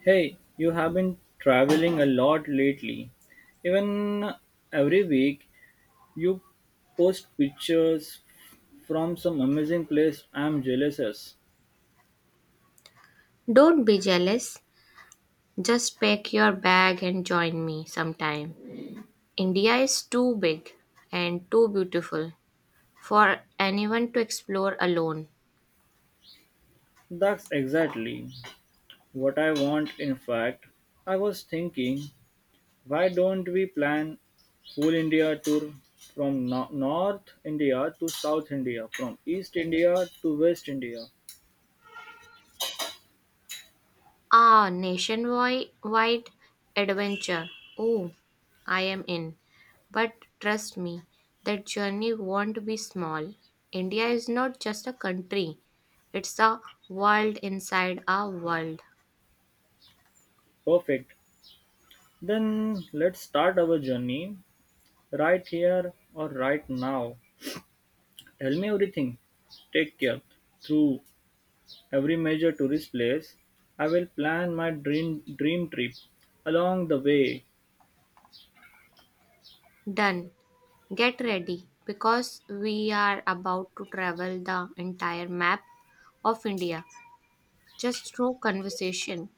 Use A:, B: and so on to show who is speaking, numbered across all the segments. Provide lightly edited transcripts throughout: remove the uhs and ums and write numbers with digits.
A: Hey, you have been traveling a lot lately. Even every week, you post pictures from some amazing place I'm jealous of.
B: Don't be jealous. Just pack your bag and join me sometime. India is too big and too beautiful for anyone to explore alone.
A: That's exactly what I want. In fact, I was thinking, why don't we plan full India tour from North India to South India, from East India to West India?
B: Ah, nationwide adventure. Oh, I am in. But trust me, that journey won't be small. India is not just a country, it's a world inside a world.
A: Perfect. Then let's start our journey right here or right now. Tell me everything. Take care. Through every major tourist place, I will plan my dream trip along the way.
B: Done. Get ready because we are about to travel the entire map of India just through conversation.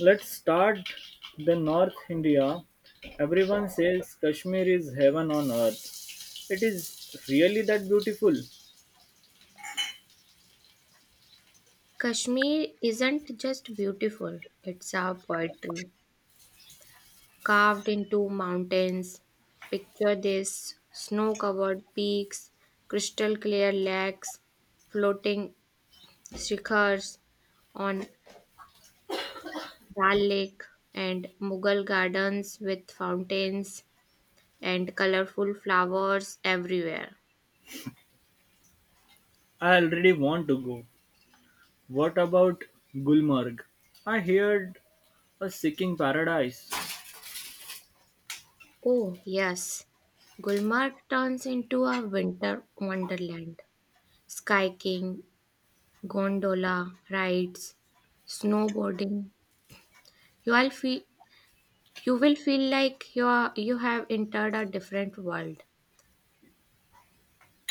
A: Let's start the North India. Everyone says Kashmir is heaven on earth. It is really that beautiful.
B: Kashmir isn't just beautiful, it's our poetry carved into mountains. Picture this: snow covered peaks, crystal clear lakes, floating shikhars on Dal Lake, and Mughal gardens with fountains and colorful flowers everywhere.
A: I already want to go. What about Gulmarg? I heard a seeking paradise.
B: Oh, yes, Gulmarg turns into a winter wonderland. Skiing, gondola rides, snowboarding. You will feel you will feel like you have entered a different world.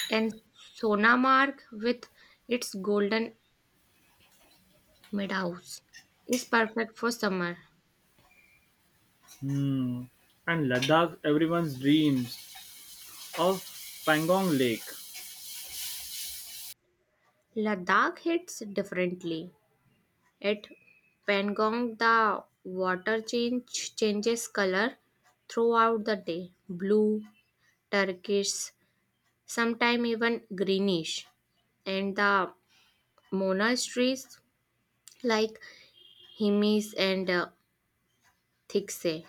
B: And Sonamarg with its golden meadows is perfect for summer.
A: Hmm. And Ladakh, everyone's dreams. Of Pangong Lake.
B: Ladakh hits differently. At Pangong, the water change changes color throughout the day: blue, turquoise, sometimes even greenish. And the monasteries like Himis and Thikse.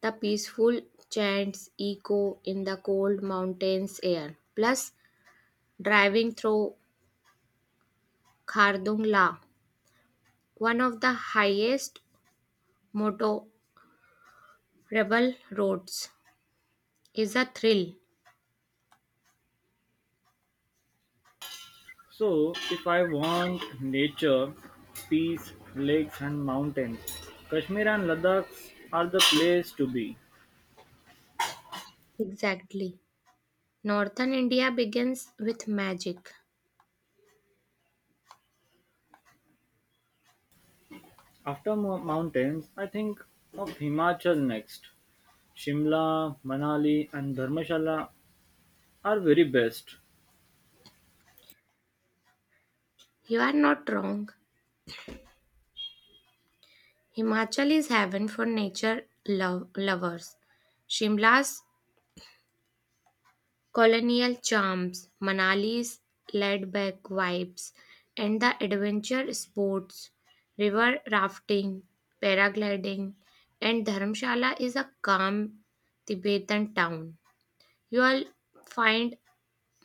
B: The peaceful chants echo in the cold mountains air. Plus, driving through Khardung La, one of the highest motorable roads, is a thrill.
A: So, if I want nature, peace, lakes, and mountains, Kashmir and Ladakh are the place to be.
B: Exactly. Northern India begins with magic.
A: After mountains, I think of Himachal next. Shimla, Manali, and Dharmshala are very best.
B: You are not wrong. Himachal is heaven for nature lovers. Shimla's colonial charms, Manali's laid back vibes, and the adventure sports, river rafting, paragliding, and Dharamshala is a calm Tibetan town. You will find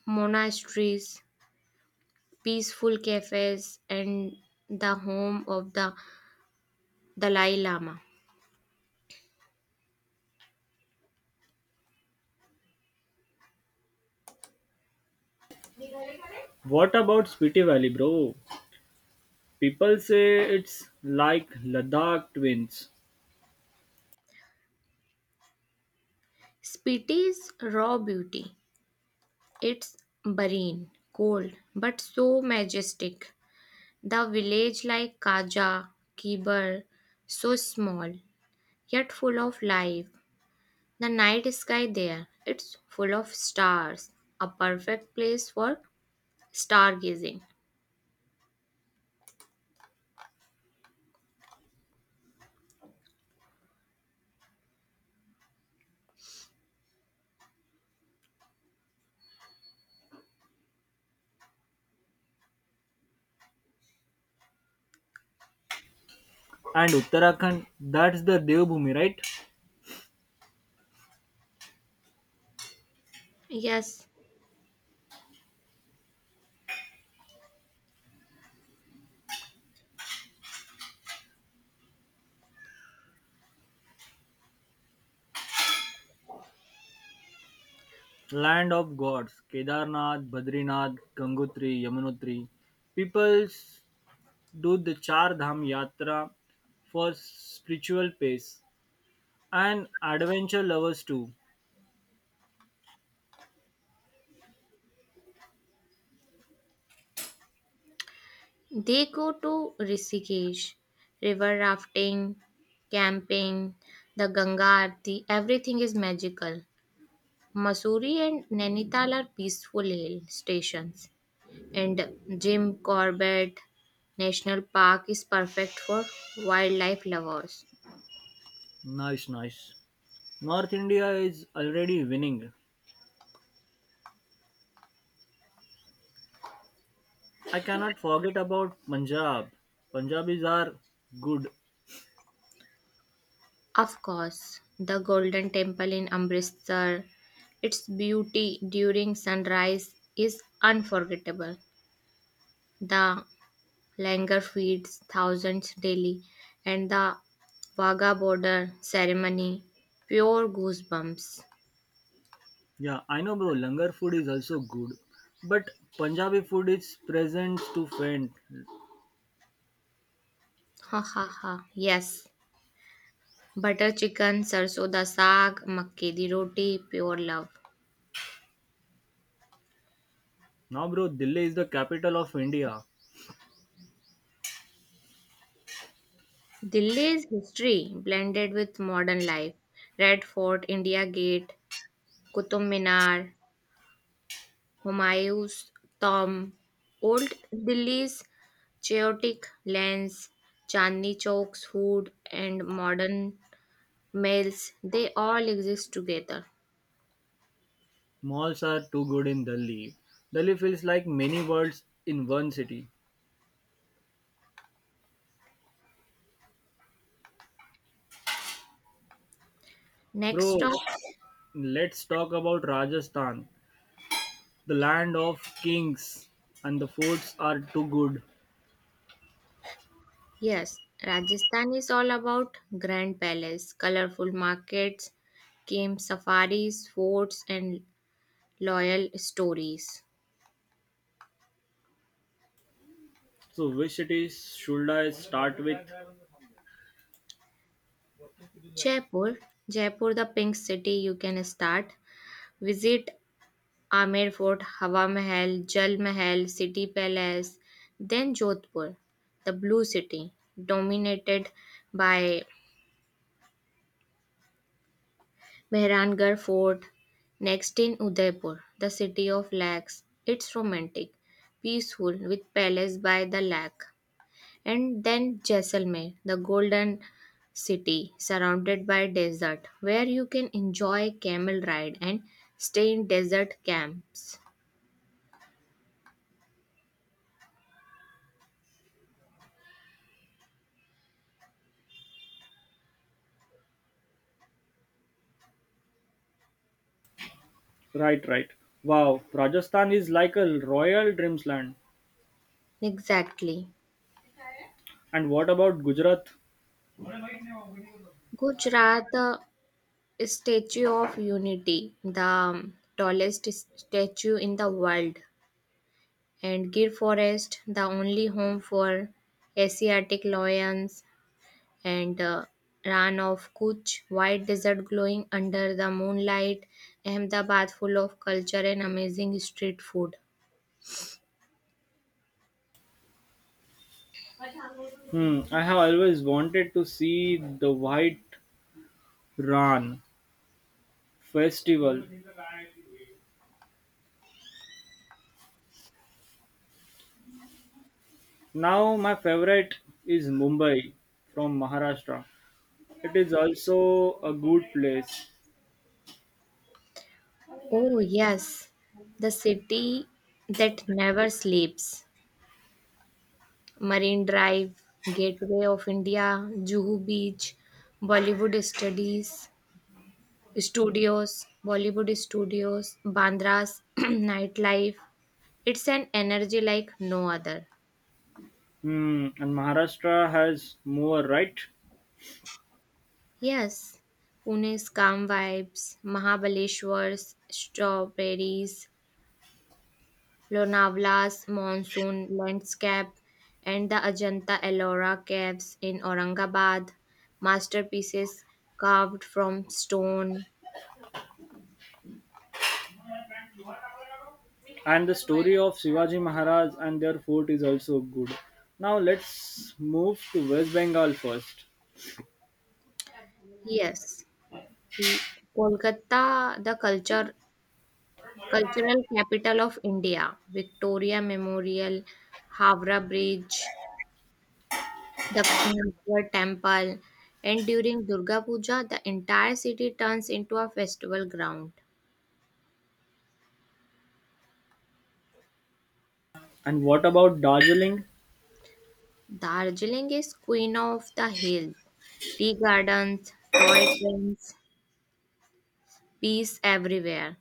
B: monasteries, peaceful cafes, and the home of the Dalai Lama.
A: What about Spiti Valley, bro? People say it's like Ladakh twins
B: Spiti's raw beauty. It's barren, cold, but so majestic. The village like Kaja, Kibar, so small, yet full of life. The night sky there, it's full of stars. A perfect place for stargazing.
A: and Uttarakhand. That's the Devbhoomi, right?
B: Yes,
A: Land of gods, Kedarnath, Badrinath, Gangotri, Yamunotri. People do the Char Dham Yatra for spiritual pace and adventure lovers too.
B: they go to Rishikesh, river rafting, camping, the Ganga Aarti, everything is magical. Mussoorie and Nainital are peaceful hill stations, and Jim Corbett National Park is perfect for wildlife lovers.
A: Nice, nice. North India is already winning. I cannot forget about Punjab. Punjabis are good.
B: Of course, the Golden Temple in Amritsar, its beauty during sunrise is unforgettable. The Langar feeds thousands daily, and the Wagah border ceremony, pure goosebumps.
A: Yeah, I know, bro. Langar food is also good, but Punjabi food is present to faint.
B: Ha ha ha. Yes. Butter chicken, sarson da saag, makke di roti, pure love.
A: Now, bro, Delhi is the capital of India.
B: Delhi's history blended with modern life. Red Fort, India Gate, Qutub Minar, Humayun's tomb, old Delhi's chaotic lanes, Chandni Chowk's food, and modern Males, they all exist together.
A: Malls are too good in Delhi. Delhi feels like many worlds in one city.
B: Next
A: Bro,
B: stop,
A: let's talk about Rajasthan, the land of kings, and the foods are too good.
B: yes, Rajasthan is all about grand palace, colorful markets, camp safaris, forts, and loyal stories.
A: So, which cities should I start with?
B: Jaipur, Jaipur, the pink city, you can start. Visit Amer Fort, Hawa Mahal, Jal Mahal, City Palace, then Jodhpur, the blue city, dominated by Mehrangarh Fort, next in Udaipur, the city of lakes. It's romantic, peaceful, with palace by the lake. And then Jaisalmer, the golden city surrounded by desert, where you can enjoy camel ride and stay in desert camps.
A: Right, right. Wow, Rajasthan is like a royal dreams land.
B: Exactly.
A: And what about Gujarat?
B: Gujarat, the Statue of Unity, the tallest statue in the world, and Gir Forest, the only home for Asiatic lions, and Ran of Kutch, white desert glowing under the moonlight, Ahmedabad full of culture and amazing street food.
A: Hmm, I have always wanted to see the White Ran festival. Now my favorite is Mumbai from Maharashtra. It is also a good place.
B: Oh, yes, the city that never sleeps. Marine Drive, Gateway of India, Juhu Beach, Bollywood Studies, Bollywood Studios, Bandra's nightlife. It's an energy like no other.
A: Hmm, and Maharashtra has more, right?
B: Yes, Pune's calm vibes, Mahabaleshwar's strawberries, Lonavla's monsoon landscape, and the Ajanta Ellora caves in Aurangabad, masterpieces carved from stone.
A: And the story of Shivaji Maharaj and their fort is also good. Now let's move to West Bengal first.
B: Yes, the Kolkata, the cultural capital of India, Victoria Memorial, Havra Bridge, Dakshineshwar temple, and during Durga Puja the entire city turns into a festival ground.
A: And what about Darjeeling?
B: Darjeeling is queen of the hills. Tea gardens, toy trains, peace everywhere.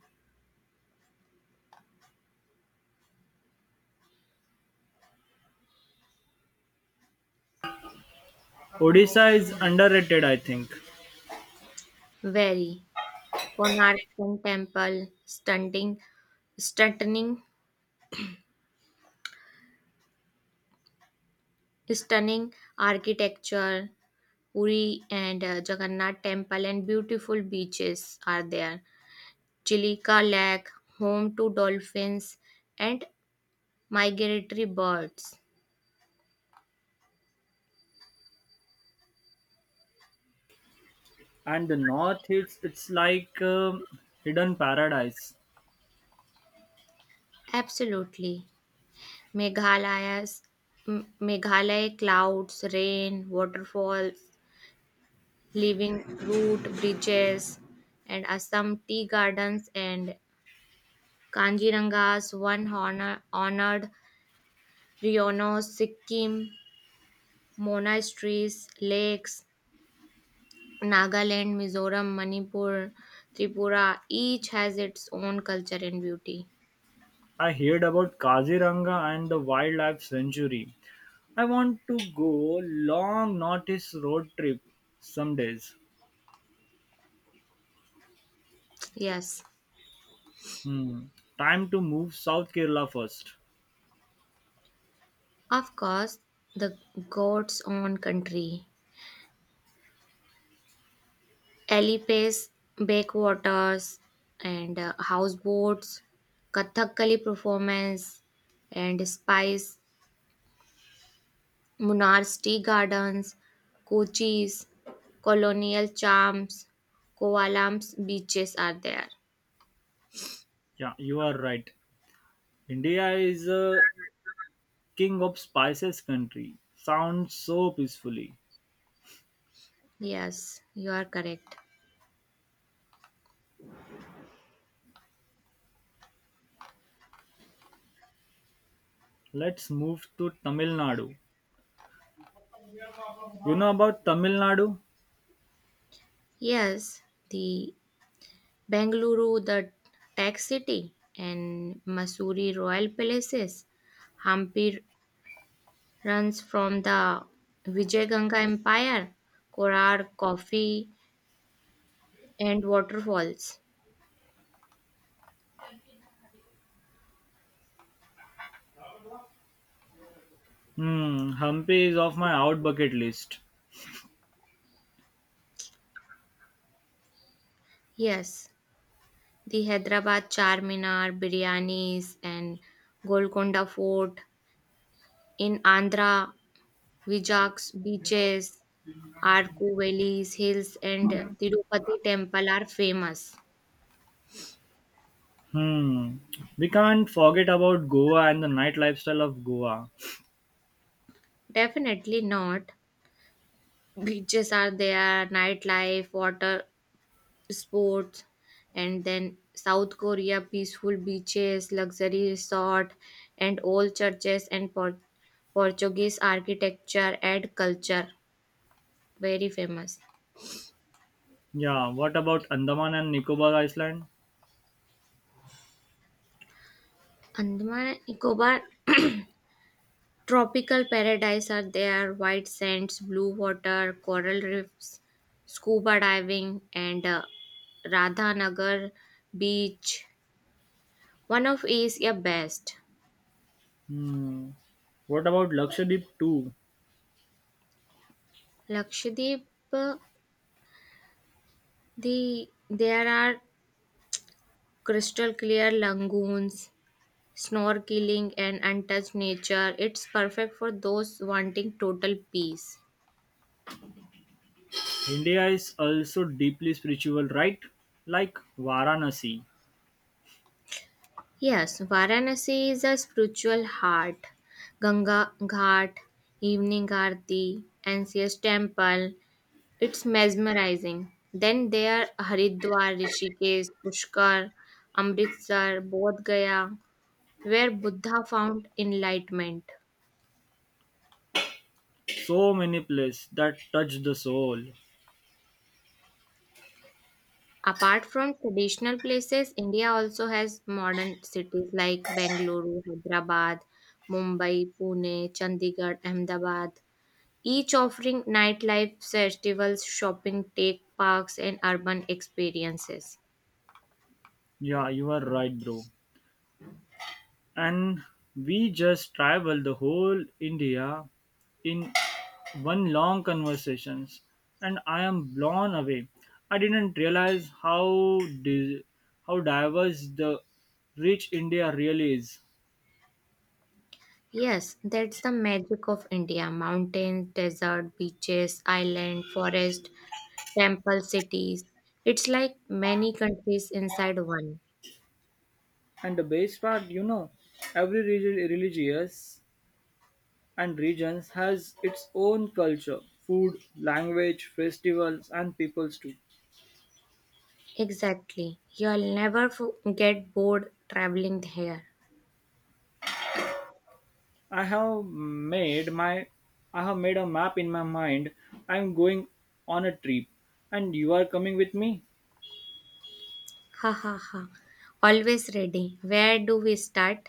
A: Odisha is underrated, I think.
B: Very Konark Sun temple, stunning stunning architecture. Puri and Jagannath temple and beautiful beaches are there. Chilika Lake, home to dolphins and migratory birds.
A: And the north, it's like hidden paradise.
B: Absolutely. Meghalaya's Meghalaya clouds, rain, waterfalls, living root bridges, and Assam tea gardens and Kanjiranga's honored Riono, Sikkim, monasteries, lakes, Nagaland, Mizoram, Manipur, Tripura, each has its own culture and beauty.
A: I heard about Kaziranga and the wildlife sanctuary. I want to go long northeast road trip some days.
B: Yes.
A: Hmm. Time to move South Kerala first.
B: Of course, the goat's own country. Alipes, backwaters, and houseboats, Kathakali performance, and spice, Munar's tea gardens, Kochi's colonial charms, Kovalam's beaches are there.
A: Yeah, you are right. India is a king of spices country. Sounds so peacefully.
B: Yes, you are correct.
A: Let's move to Tamil Nadu. You know about Tamil Nadu?
B: Yes, the Bengaluru, the tech city, and Masuri royal palaces, Hampi runs from the Vijayaganga Empire, Korar, coffee, and waterfalls.
A: Hmm, Hampi is off my out bucket list.
B: Yes, the Hyderabad Charminar, biryanis, and Golconda Fort. In Andhra, Vijak's beaches, Arku valleys, hills, and Tirupati temple are famous.
A: Hmm. We can't forget about Goa and the night lifestyle of Goa.
B: Definitely not. Beaches are there, nightlife, water sports, and then south korea peaceful beaches, luxury resort, and old churches, and portuguese architecture and culture very famous.
A: Yeah, what about Andaman and Nicobar Island?
B: Andaman and Nicobar tropical paradise are there, white sands, blue water, coral reefs, scuba diving, and radhanagar beach, one of asia best.
A: Hmm. What about Lakshadweep too?
B: Lakshadweep, uh, there are crystal clear lagoons, snorkeling, and untouched nature. It's perfect for those wanting total peace.
A: India is also deeply spiritual, right? Like Varanasi.
B: Yes, Varanasi is a spiritual heart. Ganga Ghat, Evening Aarti, NCS Temple. It's mesmerizing. Then there are Haridwar, Rishikesh, Pushkar, Amritsar, Bodh Gaya, where Buddha found enlightenment.
A: So many places that touch the soul.
B: Apart from traditional places, India also has modern cities like Bengaluru, Hyderabad, Mumbai, Pune, Chandigarh, Ahmedabad, each offering nightlife, festivals, shopping, tech parks, and urban experiences.
A: Yeah, you are right, bro. And we just travel the whole India in one long conversations and I am blown away. I didn't realize how diverse the rich India really is.
B: Yes, that's the magic of India. Mountains, desert, beaches, island, forest, temple cities. It's like many countries inside one.
A: And the best part, you know, every religious and regions has its own culture, food, language, festivals, and peoples too.
B: Exactly. You'll never f- get bored traveling here.
A: I have made my I have made a map in my mind. I am going on a trip and you are coming with me
B: Ha ha ha. Always ready. Where do we start?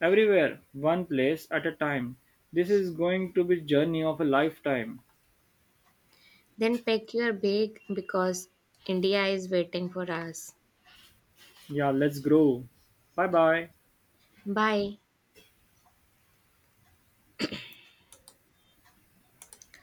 A: everywhere, one place at a time. This is going to be journey of a lifetime.
B: Then pack your bag because India is waiting for us.
A: Yeah, let's grow. Bye bye.
B: Bye.